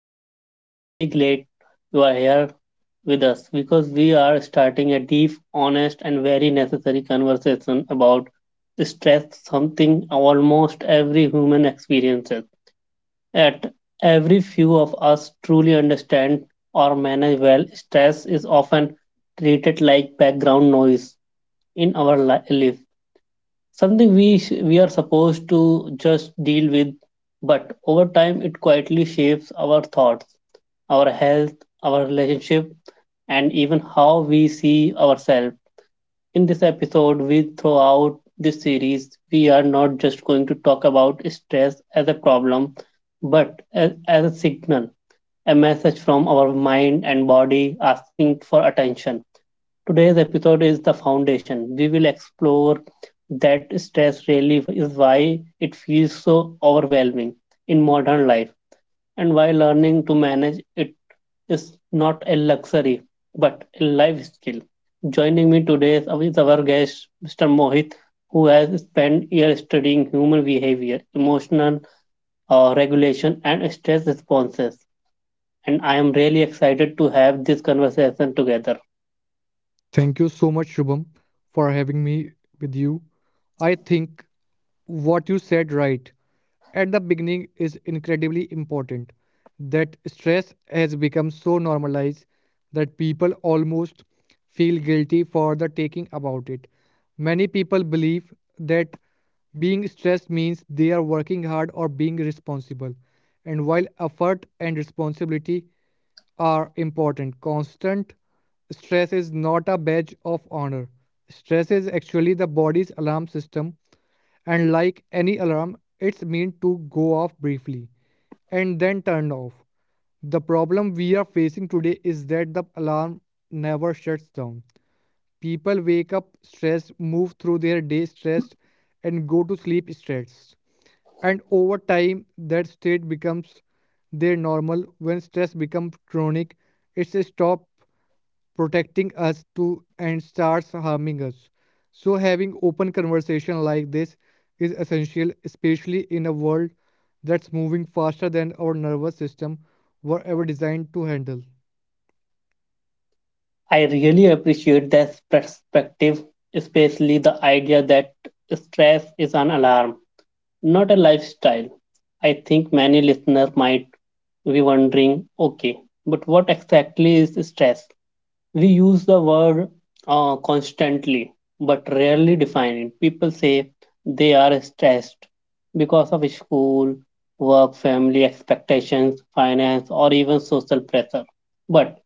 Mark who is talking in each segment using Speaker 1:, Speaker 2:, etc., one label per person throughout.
Speaker 1: episode. I am really glad you are here with us because we are starting a deep, honest, and very necessary conversation about stress, something almost every human experiences. Yet, every few of us truly understand or manage well. Stress is often treated like background noise in our life, something we are supposed to just deal with, but over time it quietly shapes our thoughts, our health, our relationship, and even how we see ourselves. In this episode, we, throughout this series, we are not just going to talk about stress as a problem, but as a signal, a message from our mind and body asking for attention. Today's episode is the foundation. We will explore that stress really is, why it feels so overwhelming in modern life, and why learning to manage it is not a luxury but a life skill. Joining me today is our guest, Mr. Mohit, who has spent years studying human behavior, emotional regulation, and stress responses. And I am really excited to have this conversation together.
Speaker 2: Thank you so much, Shubham, for having me with you. I think what you said right at the beginning is incredibly important. That stress has become so normalized that people almost feel guilty for the taking about it. Many people believe that being stressed means they are working hard or being responsible. And while effort and responsibility are important. Constant stress is not a badge of honor. Stress is actually the body's alarm system, and like any alarm, it's meant to go off briefly and then turn off. The problem we are facing today is that the alarm never shuts down. People wake up stressed, move through their day stressed, and go to sleep stressed. And over time, that state becomes their normal. When stress becomes chronic, it's a stop protecting us to and starts harming us. So having open conversation like this is essential, especially in a world that's moving faster than our nervous system were ever designed to handle.
Speaker 1: I really appreciate that perspective, especially the idea that stress is an alarm, not a lifestyle. I think many listeners might be wondering, okay, but what exactly is stress? We use the word constantly, but rarely define it. People say they are stressed because of school, work, family expectations, finance, or even social pressure. But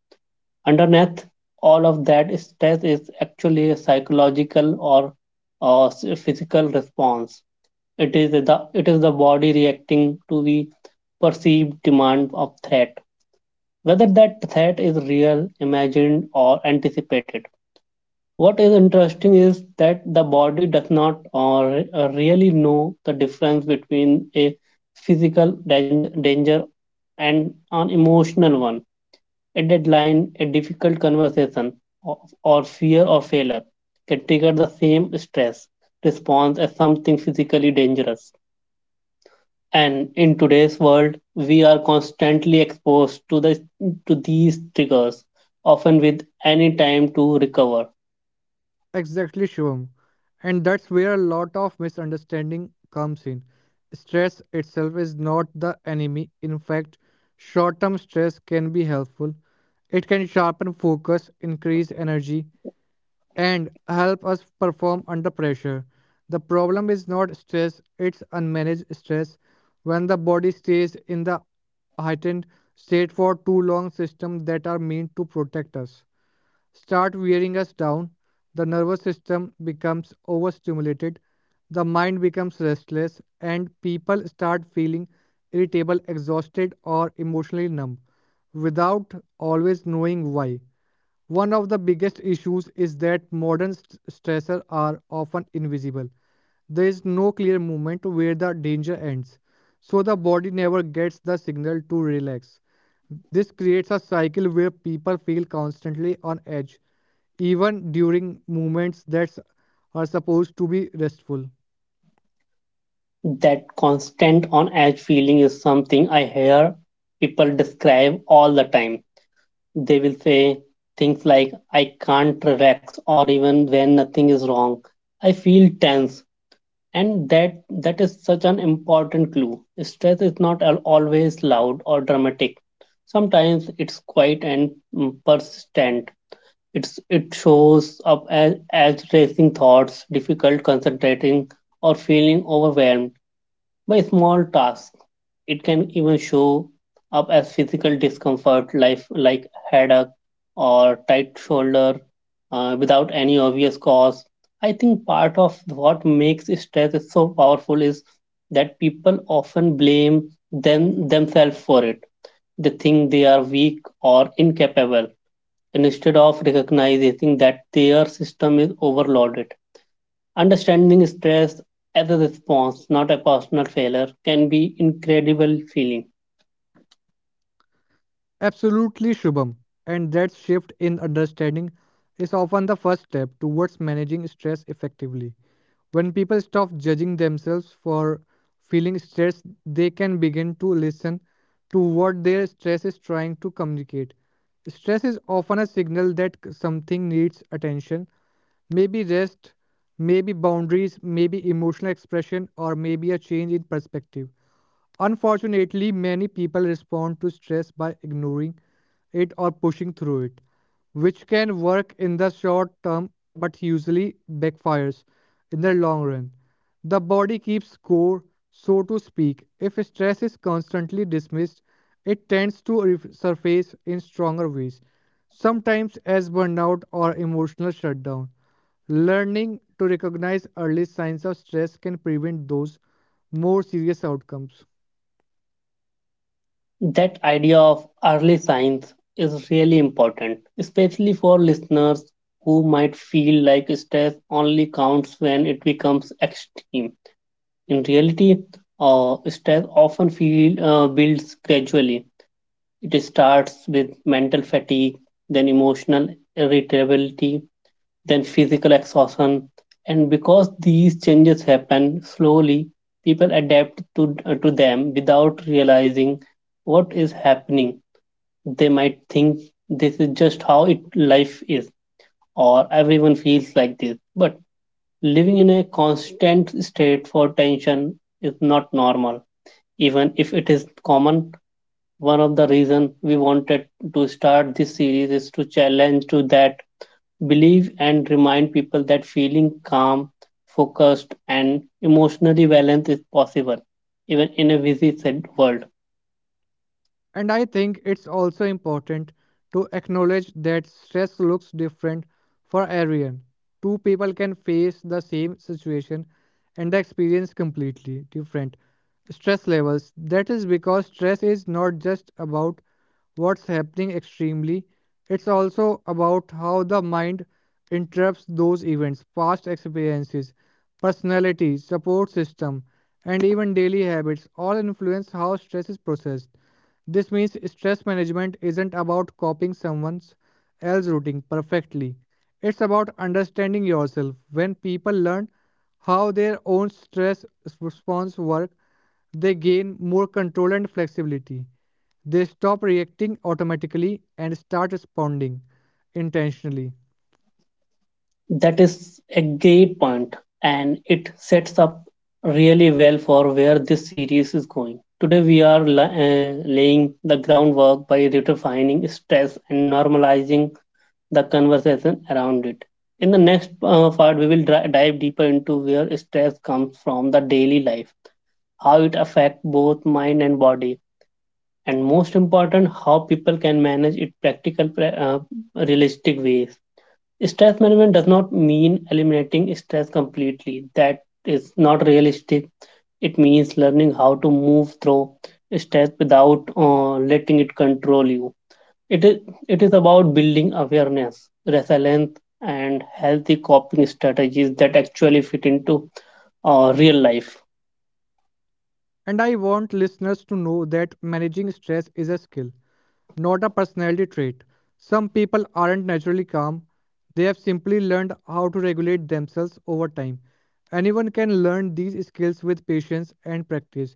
Speaker 1: underneath all of that, stress is actually a psychological or uh, physical response. It is the it is the body reacting to the perceived demand of threat, whether that threat is real, imagined, or anticipated. What is interesting is that the body does not, or really know the difference between a physical danger and an emotional one. A deadline, a difficult conversation, or fear of failure can trigger the same stress response as something physically dangerous. And in today's world, we are constantly exposed to these triggers, often with any time to recover.
Speaker 2: Exactly, Shivam. And that's where a lot of misunderstanding comes in. Stress itself is not the enemy. In fact, short term stress can be helpful. It can sharpen focus, increase energy, and help us perform under pressure. The problem is not stress, it's unmanaged stress. When the body stays in the heightened state for too long, systems that are meant to protect us start wearing us down. The nervous system becomes overstimulated, the mind becomes restless, and people start feeling irritable, exhausted, or emotionally numb without always knowing why. One of the biggest issues is that modern stressors are often invisible. There is no clear moment where the danger ends, so the body never gets the signal to relax. This creates a cycle where people feel constantly on edge, even during moments that are supposed to be restful.
Speaker 1: That constant on edge feeling is something I hear people describe all the time. They will say things like, I can't relax, or even when nothing is wrong, I feel tense. And that is such an important clue. Stress is not always loud or dramatic. Sometimes it's quiet and persistent. It shows up as racing thoughts, difficult concentrating, or feeling overwhelmed by small tasks. It can even show up as physical discomfort, life like headache or tight shoulder, without any obvious cause. I think part of what makes stress so powerful is that people often blame themselves for it. They think they are weak or incapable, and instead of recognizing that their system is overloaded. Understanding stress as a response, not a personal failure, can be incredible feeling.
Speaker 2: Absolutely, Shubham. And that shift in understanding is often the first step towards managing stress effectively. When people stop judging themselves for feeling stressed, they can begin to listen to what their stress is trying to communicate. Stress is often a signal that something needs attention, maybe rest, maybe boundaries, maybe emotional expression, or maybe a change in perspective. Unfortunately, many people respond to stress by ignoring it or pushing through it, which can work in the short term but usually backfires in the long run. The body keeps score, so to speak. If stress is constantly dismissed, it tends to surface in stronger ways, sometimes as burnout or emotional shutdown. Learning to recognize early signs of stress can prevent those more serious outcomes.
Speaker 1: That idea of early signs is really important, especially for listeners who might feel like stress only counts when it becomes extreme. In reality, stress often builds gradually. It starts with mental fatigue, then emotional irritability, then physical exhaustion. And because these changes happen slowly, people adapt to them without realizing what is happening. They might think this is just how life is, or everyone feels like this. But living in a constant state for tension is not normal, even if it is common. One of the reasons we wanted to start this series is to challenge to that believe and remind people that feeling calm, focused, and emotionally balanced is possible, even in a busy said world.
Speaker 2: And I think it's also important to acknowledge that stress looks different for everyone. Two people can face the same situation and the experience completely different stress levels. That is because stress is not just about what's happening extremely, it's also about how the mind interrupts those events, past experiences, personality, support system, and even daily habits all influence how stress is processed. This means stress management isn't about copying someone else's routine perfectly. It's about understanding yourself. When people learn how their own stress response works, they gain more control and flexibility. They stop reacting automatically and start responding intentionally.
Speaker 1: That is a great point, and it sets up really well for where this series is going. Today, we are laying the groundwork by redefining stress and normalizing the conversation around it. In the next part, we will dive deeper into where stress comes from the daily life, how it affects both mind and body, and most important, how people can manage it practical, uh, realistic ways. Stress management does not mean eliminating stress completely. That is not realistic. It means learning how to move through stress without letting it control you. It is it is about building awareness, resilience, and healthy coping strategies that actually fit into real life.
Speaker 2: And I want listeners to know that managing stress is a skill. Not a personality trait. Some people aren't naturally calm, they have simply learned how to regulate themselves over time. Anyone can learn these skills with patience and practice.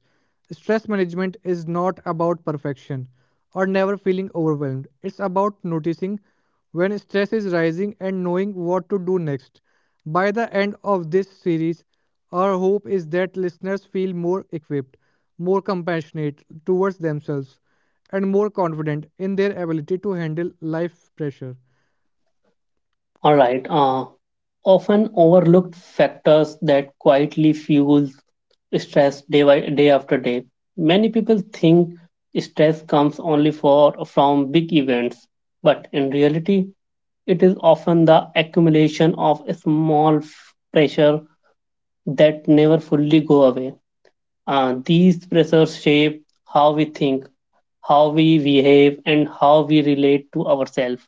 Speaker 2: Stress management is not about perfection or never feeling overwhelmed. It's about noticing when stress is rising and knowing what to do next. By the end of this series, our hope is that listeners feel more equipped, more compassionate towards themselves, and more confident in their ability to handle life pressure.
Speaker 1: All right. Often overlooked factors that quietly fuel stress day by day after day. Many people think stress comes only for from big events, but in reality, it is often the accumulation of pressure that never fully go away. These pressures shape how we think, how we behave, and how we relate to ourselves.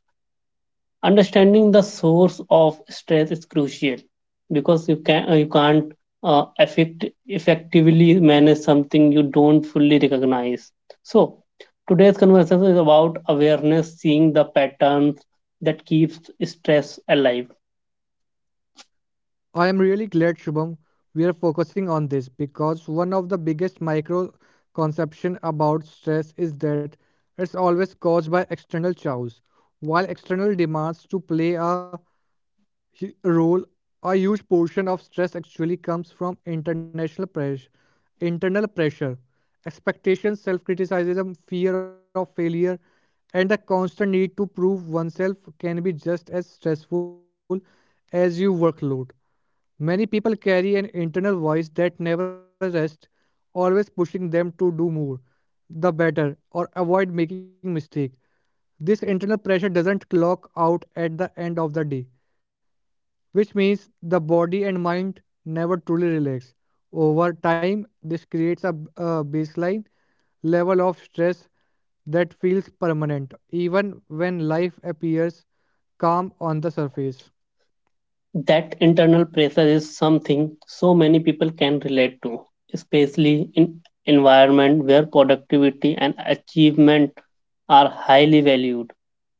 Speaker 1: Understanding the source of stress is crucial because you can't effectively manage something you don't fully recognize. So today's conversation is about awareness, seeing the patterns that keeps stress alive.
Speaker 2: I am really glad, Shubham, we are focusing on this because one of the biggest misconceptions about stress is that it's always caused by external chows. While external demands to play a role, a huge portion of stress actually comes from international pressure, internal pressure, expectations, self-criticism, fear of failure, and the constant need to prove oneself can be just as stressful as your workload. Many people carry an internal voice that never rests, always pushing them to do more, the better, or avoid making mistakes. This internal pressure doesn't clock out at the end of the day, which means the body and mind never truly relax. Over time, this creates a baseline level of stress that feels permanent, even when life appears calm on the surface.
Speaker 1: That internal pressure is something so many people can relate to, especially in environment where productivity and achievement are highly valued.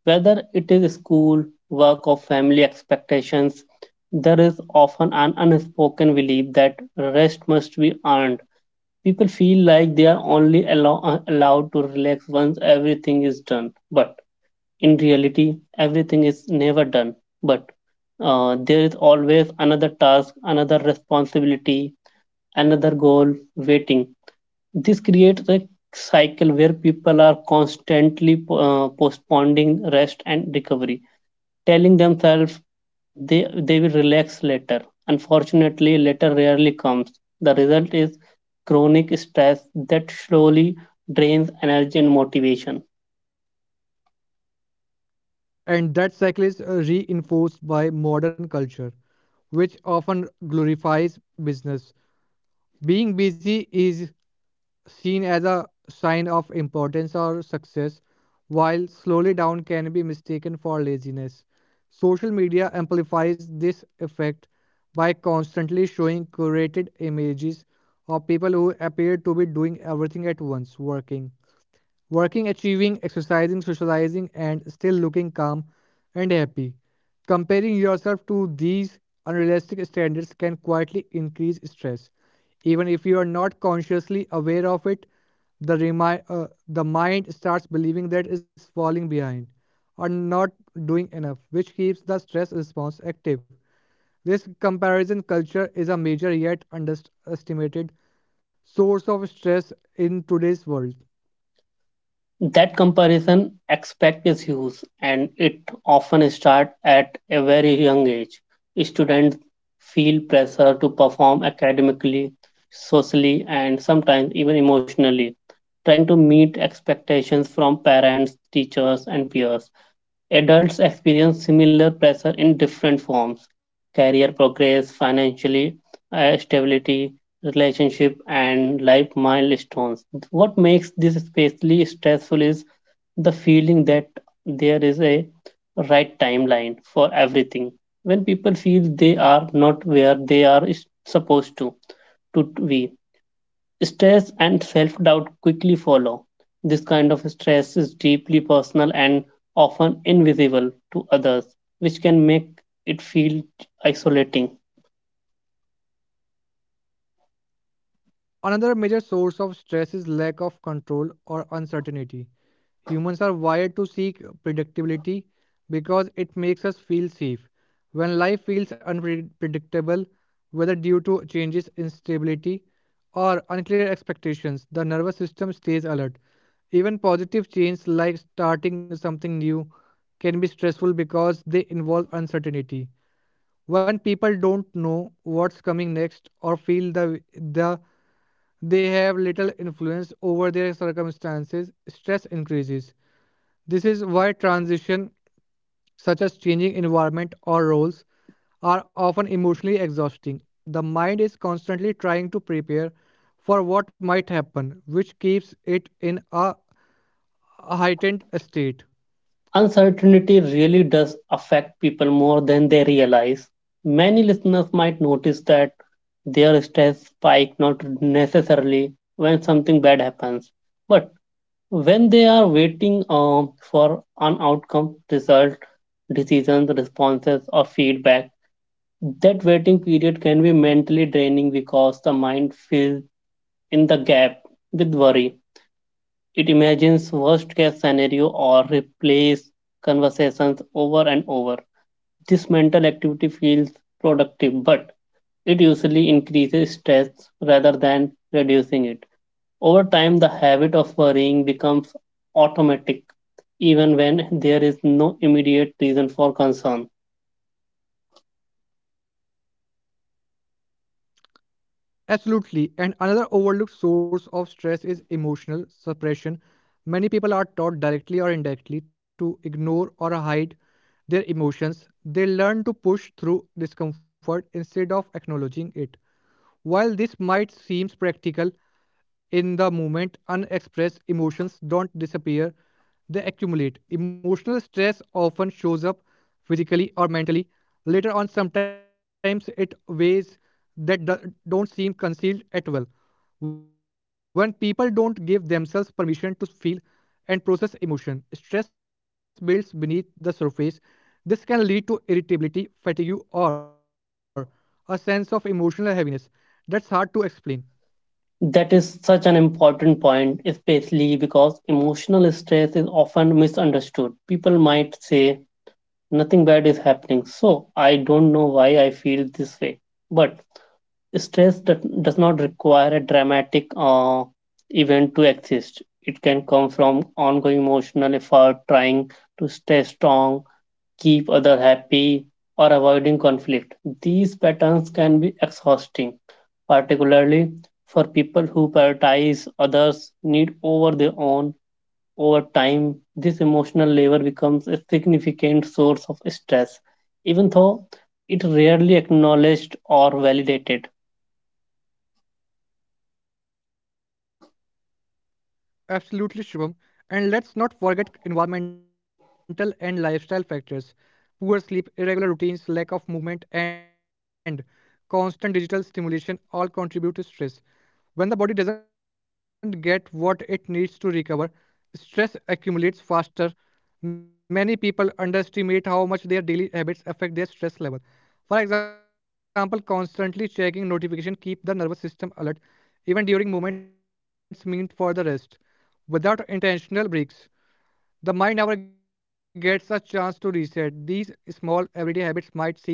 Speaker 1: Whether it is school, work, or family expectations, there is often an unspoken belief that rest must be earned. People feel like they are only allowed to relax once everything is done. But in reality, everything is never done, but there is always another task, another responsibility, another goal waiting. This creates a cycle where people are constantly postponing rest and recovery, telling themselves they will relax later. Unfortunately, later rarely comes. The result is chronic stress that slowly drains energy and motivation.
Speaker 2: And that cycle is reinforced by modern culture, which often glorifies business. Being busy is seen as a sign of importance or success, while slowly down can be mistaken for laziness. Social media amplifies this effect by constantly showing curated images of people who appear to be doing everything at once working, working, achieving, exercising, socializing, and still looking calm and happy. Comparing yourself to these unrealistic standards can quietly increase stress. Even if you are not consciously aware of it, the mind starts believing that it's falling behind or not doing enough, which keeps the stress response active. This comparison culture is a major yet underestimated source of stress in today's world.
Speaker 1: That comparison aspect is huge, and it often starts at a very young age. Students feel pressure to perform academically, socially, and sometimes even emotionally, trying to meet expectations from parents, teachers, and peers. Adults experience similar pressure in different forms: career progress, financially stability, relationship, and life milestones. What makes this especially stressful is the feeling that there is a right timeline for everything. When people feel they are not where they supposed to be, stress and self doubt quickly follow. This kind of stress is deeply personal and often invisible to others, which can make it feel isolating.
Speaker 2: Another major source of stress is lack of control or uncertainty. Humans are wired to seek predictability because it makes us feel safe. When life feels unpredictable, whether due to changes in stability or unclear expectations, the nervous system stays alert. Even positive change like starting something new can be stressful because they involve uncertainty. When people don't know what's coming next or feel the they have little influence over their circumstances, stress increases. This is why transition, such as changing environment or roles, are often emotionally exhausting. The mind is constantly trying to prepare for what might happen, which keeps it in a heightened state.
Speaker 1: Uncertainty really does affect people more than they realize. Many listeners might notice that their stress spike not necessarily when something bad happens, but when they are waiting for an outcome, result, decisions, responses, or feedback. That waiting period can be mentally draining because the mind fills in the gap with worry. It imagines worst case scenario or replays conversations over and over. This mental activity feels productive, but it usually increases stress rather than reducing it. Over time, the habit of worrying becomes automatic, even when there is no immediate reason for concern.
Speaker 2: Absolutely. And another overlooked source of stress is emotional suppression. Many people are taught directly or indirectly to ignore or hide their emotions. They learn to push through discomfort instead of acknowledging it. While this might seem practical in the moment, unexpressed emotions don't disappear, they accumulate. Emotional stress often shows up physically or mentally. Later on, sometimes it ways that don't seem concealed at well. When people don't give themselves permission to feel and process emotion, stress builds beneath the surface. This can lead to irritability, fatigue, or a sense of emotional heaviness that's hard to explain.
Speaker 1: That is such an important point, especially because emotional stress is often misunderstood. People might say, nothing bad is happening, so I don't know why I feel this way. But stress that does not require a dramatic event to exist. It can come from ongoing emotional effort, trying to stay strong, keep others happy, or avoiding conflict. These patterns can be exhausting, particularly for people who prioritize others' need over their own. Over time, this emotional labor becomes a significant source of stress, even though it rarely acknowledged or validated.
Speaker 2: Absolutely, Shubham. And let's not forget environmental and lifestyle factors. Poor sleep, irregular routines, lack of movement, and constant digital stimulation all contribute to stress. When the body doesn't get what it needs to recover, stress accumulates faster. Many people underestimate how much their daily habits affect their stress level. For example, constantly checking notification keep the nervous system alert even during moments meant for the rest. Without intentional breaks, the mind never gets a chance to reset. These small everyday habits might seem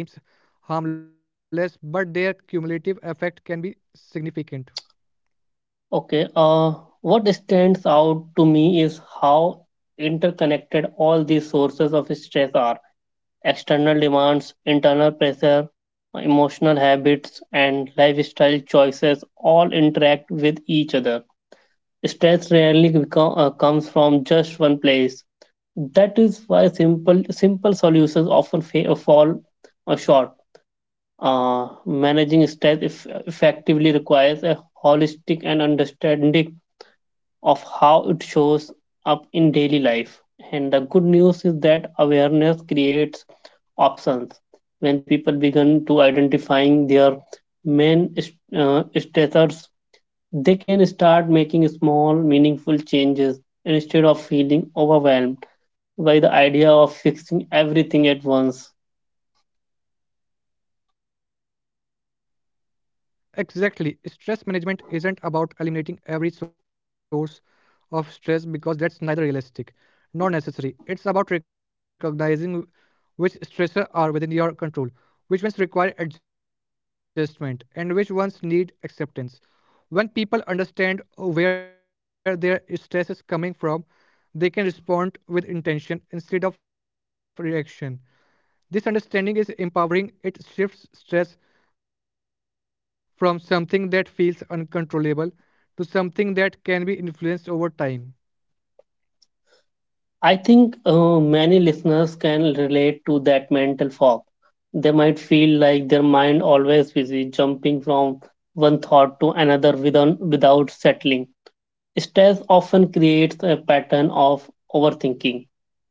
Speaker 2: harmless, but their cumulative effect can be significant.
Speaker 1: Okay, what stands out to me is how interconnected all these sources of stress are. External demands, internal pressure, emotional habits, and lifestyle choices all interact with each other. Stress rarely comes from just one place. That is why simple solutions often fall short. Managing stress effectively requires a holistic and understanding of how it shows up in daily life. And the good news is that awareness creates options. When people begin to identifying their main status, they can start making small meaningful changes instead of feeling overwhelmed by the idea of fixing everything at once.
Speaker 2: Exactly. Stress management isn't about eliminating every source of stress because that's neither realistic nor necessary. It's about recognizing which stressors are within your control, which ones require adjustment, and which ones need acceptance. When people understand where their stress is coming from, they can respond with intention instead of reaction. This understanding is empowering. It shifts stress from something that feels uncontrollable to something that can be influenced over time.
Speaker 1: I think many listeners can relate to that mental fog. They might feel like their mind always busy jumping from one thought to another without settling. Stress often creates a pattern of overthinking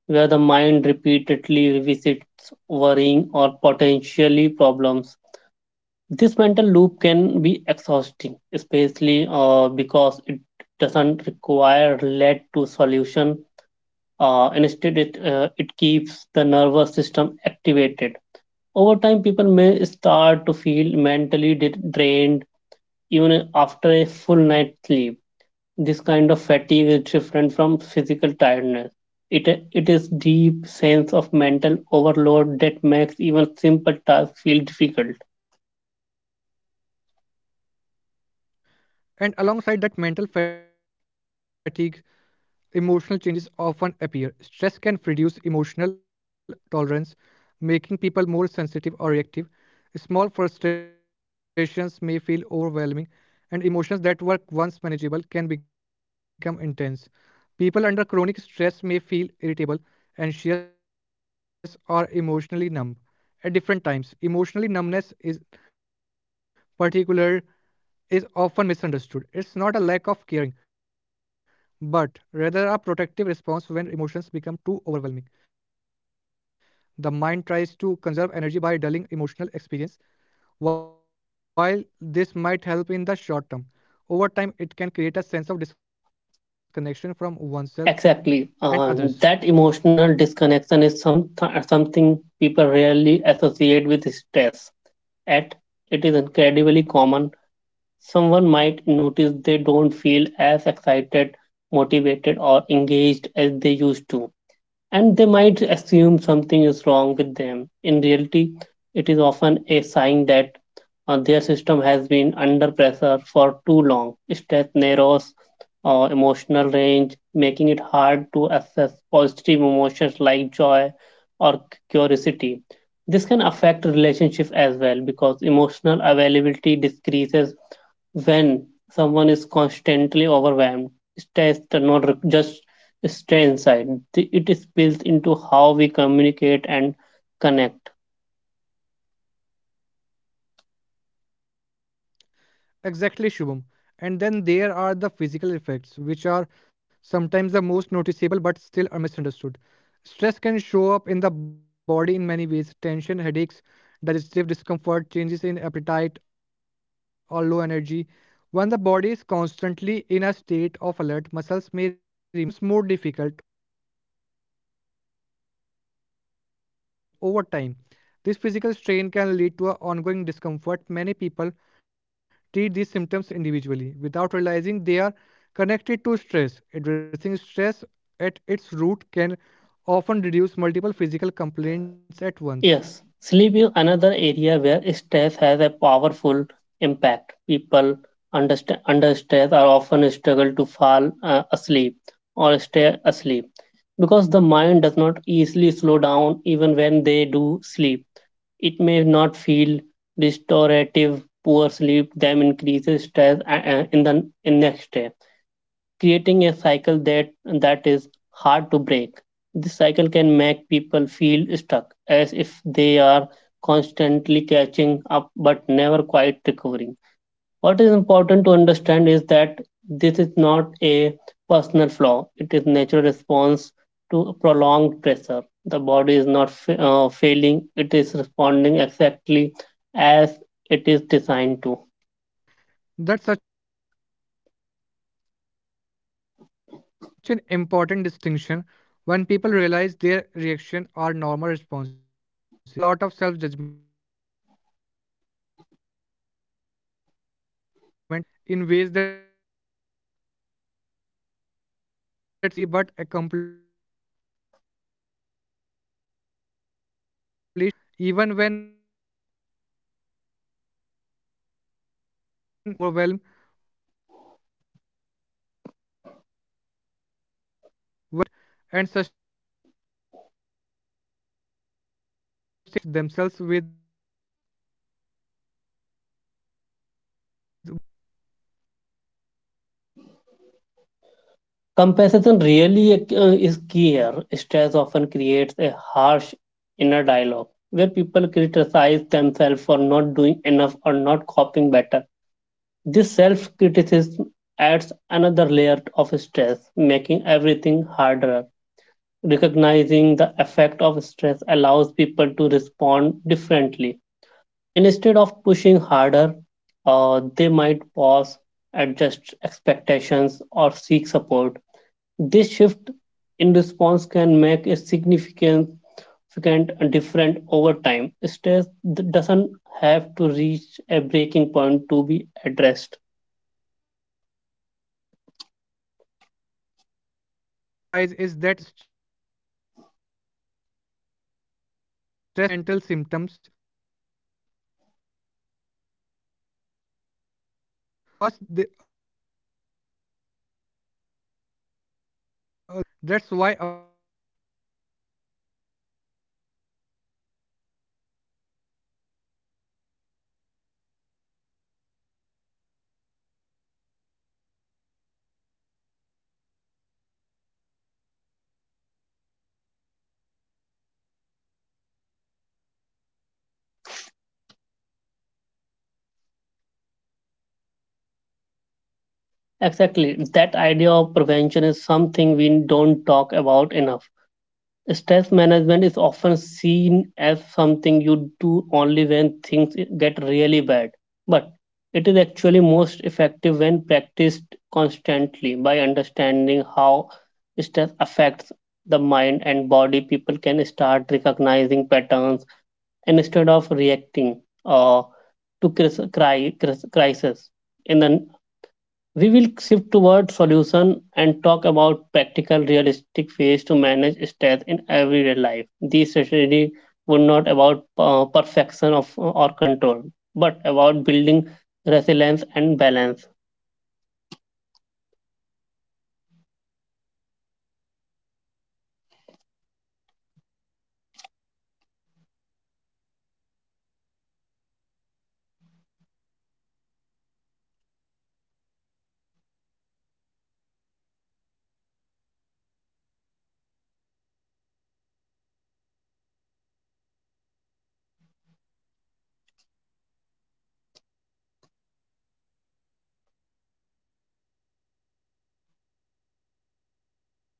Speaker 1: where the mind repeatedly revisits worrying or potentially problems. This mental loop can be exhausting, especially because it doesn't require lead to solution. Instead, it keeps the nervous system activated. Over time, people may start to feel mentally drained even after a full night's sleep. This kind of fatigue is different from physical tiredness. It, it is deep sense of mental overload that makes even simple tasks feel difficult.
Speaker 2: And alongside that mental fatigue, emotional changes often appear. Stress can reduce emotional tolerance, making people more sensitive or reactive. Small frustrations may feel overwhelming, and emotions that were once manageable can become intense. People under chronic stress may feel irritable, anxious, or emotionally numb. At different times, emotionally numbness is particular is often misunderstood. It's not a lack of caring, but rather a protective response when emotions become too overwhelming. The mind tries to conserve energy by dulling emotional experience. While this might help in the short term, over time it can create a sense of disconnection from oneself and others.
Speaker 1: Exactly. That emotional disconnection is something people rarely associate with stress. Yet, it is incredibly common. Someone might notice they don't feel as excited, motivated, or engaged as they used to, and they might assume something is wrong with them. In reality, it is often a sign that their system has been under pressure for too long. Stress narrows emotional range, making it hard to assess positive emotions like joy or curiosity. This can affect relationships as well because emotional availability decreases when someone is constantly overwhelmed. Stress does not just stay inside. It is built into how we communicate and connect.
Speaker 2: Exactly, Shubham. And then there are the physical effects, which are sometimes the most noticeable but still are misunderstood. Stress can show up in the body in many ways tension, headaches, digestive discomfort, changes in appetite, or low energy. When the body is constantly in a state of alert, muscles may remain tense, breathing may become shallow, and recovery becomes more difficult over time. This physical strain can lead to a ongoing discomfort. Many people treat these symptoms individually without realizing they are connected to stress. Addressing stress at its root can often reduce multiple physical complaints at once.
Speaker 1: Yes, sleep is another area where stress has a powerful impact. People under, under stress are often struggle to fall asleep or stay asleep because the mind does not easily slow down. Even when they do sleep, it may not feel restorative. Poor sleep then increases stress in the in next day, creating a cycle that is hard to break. This cycle can make people feel stuck, as if they are constantly catching up but never quite recovering. What is important to understand is that this is not a personal flaw, it is a natural response to prolonged pressure. The body is not failing, it is responding exactly as it is designed to.
Speaker 2: That's such an important distinction. When people realize their reaction are normal responses to abnormal levels of stress, it can reduce a lot of self judgment. Chronic stress also affect motivation and productivity, in ways that seems contradictory. People may feel constantly busy but accomplish less, or they may procrastinate even when tasks are important. This isn't laziness, it's overwhelm. When the system is overloaded, it struggles to initiate and sustain efforts, and understanding this can help people approach themselves with more compassion instead of criticism.
Speaker 1: Compassion really is key here. Stress often creates a harsh inner dialogue where people criticize themselves for not doing enough or not coping better. This self criticism adds another layer of stress, making everything harder. Recognizing the effect of stress allows people to respond differently. Instead of pushing harder, they might pause, adjust expectations, or seek support. This shift in response can make a significant difference over time. Stress doesn't have to reach a breaking point to be addressed.
Speaker 2: And one thing I want to emphasize is that stress affects everyone differently. Some people experience more mental symptoms while others notice physical or emotional changes. First, there is no single right way for stress to show up. That's why awareness is so important when people learn to notice their own early signs of stress. They can intervene sooner. Early intervention doesn't have to be dramatic. It can be as simple as taking breaks, adjusting routines, or allowing rest without guilt. These small changes can prevent stress
Speaker 1: Exactly.
Speaker 2: from
Speaker 1: That idea
Speaker 2: becoming
Speaker 1: of prevention
Speaker 2: overwhelming.
Speaker 1: is something we don't talk about enough. Stress management is often seen as something you do
Speaker 2: So
Speaker 1: only
Speaker 2: that
Speaker 1: when
Speaker 2: idea of
Speaker 1: things get
Speaker 2: prevention is
Speaker 1: really
Speaker 2: something
Speaker 1: bad.
Speaker 2: we don't
Speaker 1: But
Speaker 2: talk about
Speaker 1: it is
Speaker 2: enough.
Speaker 1: actually most
Speaker 2: Stress
Speaker 1: effective when
Speaker 2: management is
Speaker 1: practiced
Speaker 2: often seen as
Speaker 1: constantly by
Speaker 2: something
Speaker 1: understanding
Speaker 2: you do
Speaker 1: how
Speaker 2: only when
Speaker 1: stress
Speaker 2: things get
Speaker 1: affects
Speaker 2: really bad,
Speaker 1: the mind
Speaker 2: but
Speaker 1: and
Speaker 2: it's
Speaker 1: body. People
Speaker 2: actually
Speaker 1: can
Speaker 2: most
Speaker 1: start
Speaker 2: effective when
Speaker 1: recognizing patterns,
Speaker 2: practiced
Speaker 1: and instead
Speaker 2: consistently
Speaker 1: of
Speaker 2: by
Speaker 1: reacting
Speaker 2: understanding how
Speaker 1: to
Speaker 2: stress affects
Speaker 1: crisis
Speaker 2: the
Speaker 1: in
Speaker 2: mind
Speaker 1: the,
Speaker 2: and body people
Speaker 1: we
Speaker 2: can
Speaker 1: will
Speaker 2: start
Speaker 1: shift toward
Speaker 2: recognizing
Speaker 1: solution
Speaker 2: patterns
Speaker 1: and talk about
Speaker 2: instead of
Speaker 1: practical,
Speaker 2: reacting to
Speaker 1: realistic ways to
Speaker 2: crises.
Speaker 1: manage
Speaker 2: In the
Speaker 1: stress
Speaker 2: next
Speaker 1: in
Speaker 2: part of
Speaker 1: everyday
Speaker 2: this
Speaker 1: life.
Speaker 2: series,
Speaker 1: These
Speaker 2: we'll
Speaker 1: strategies
Speaker 2: shift
Speaker 1: were
Speaker 2: towards
Speaker 1: not about
Speaker 2: solution and talk about a
Speaker 1: perfection of
Speaker 2: practical
Speaker 1: or
Speaker 2: realistic
Speaker 1: control,
Speaker 2: ways
Speaker 1: but
Speaker 2: to
Speaker 1: about
Speaker 2: manage
Speaker 1: building
Speaker 2: stress in everyday
Speaker 1: resilience
Speaker 2: life.
Speaker 1: and balance.
Speaker 2: These strategies won't be about perfection or control, but about building resilience and balance. So, thank you so much for joining this conversation and take care of yourself, be gentle with your mind and body, and know that learning to manage stress is a skill you can keep develop step by step, day by day.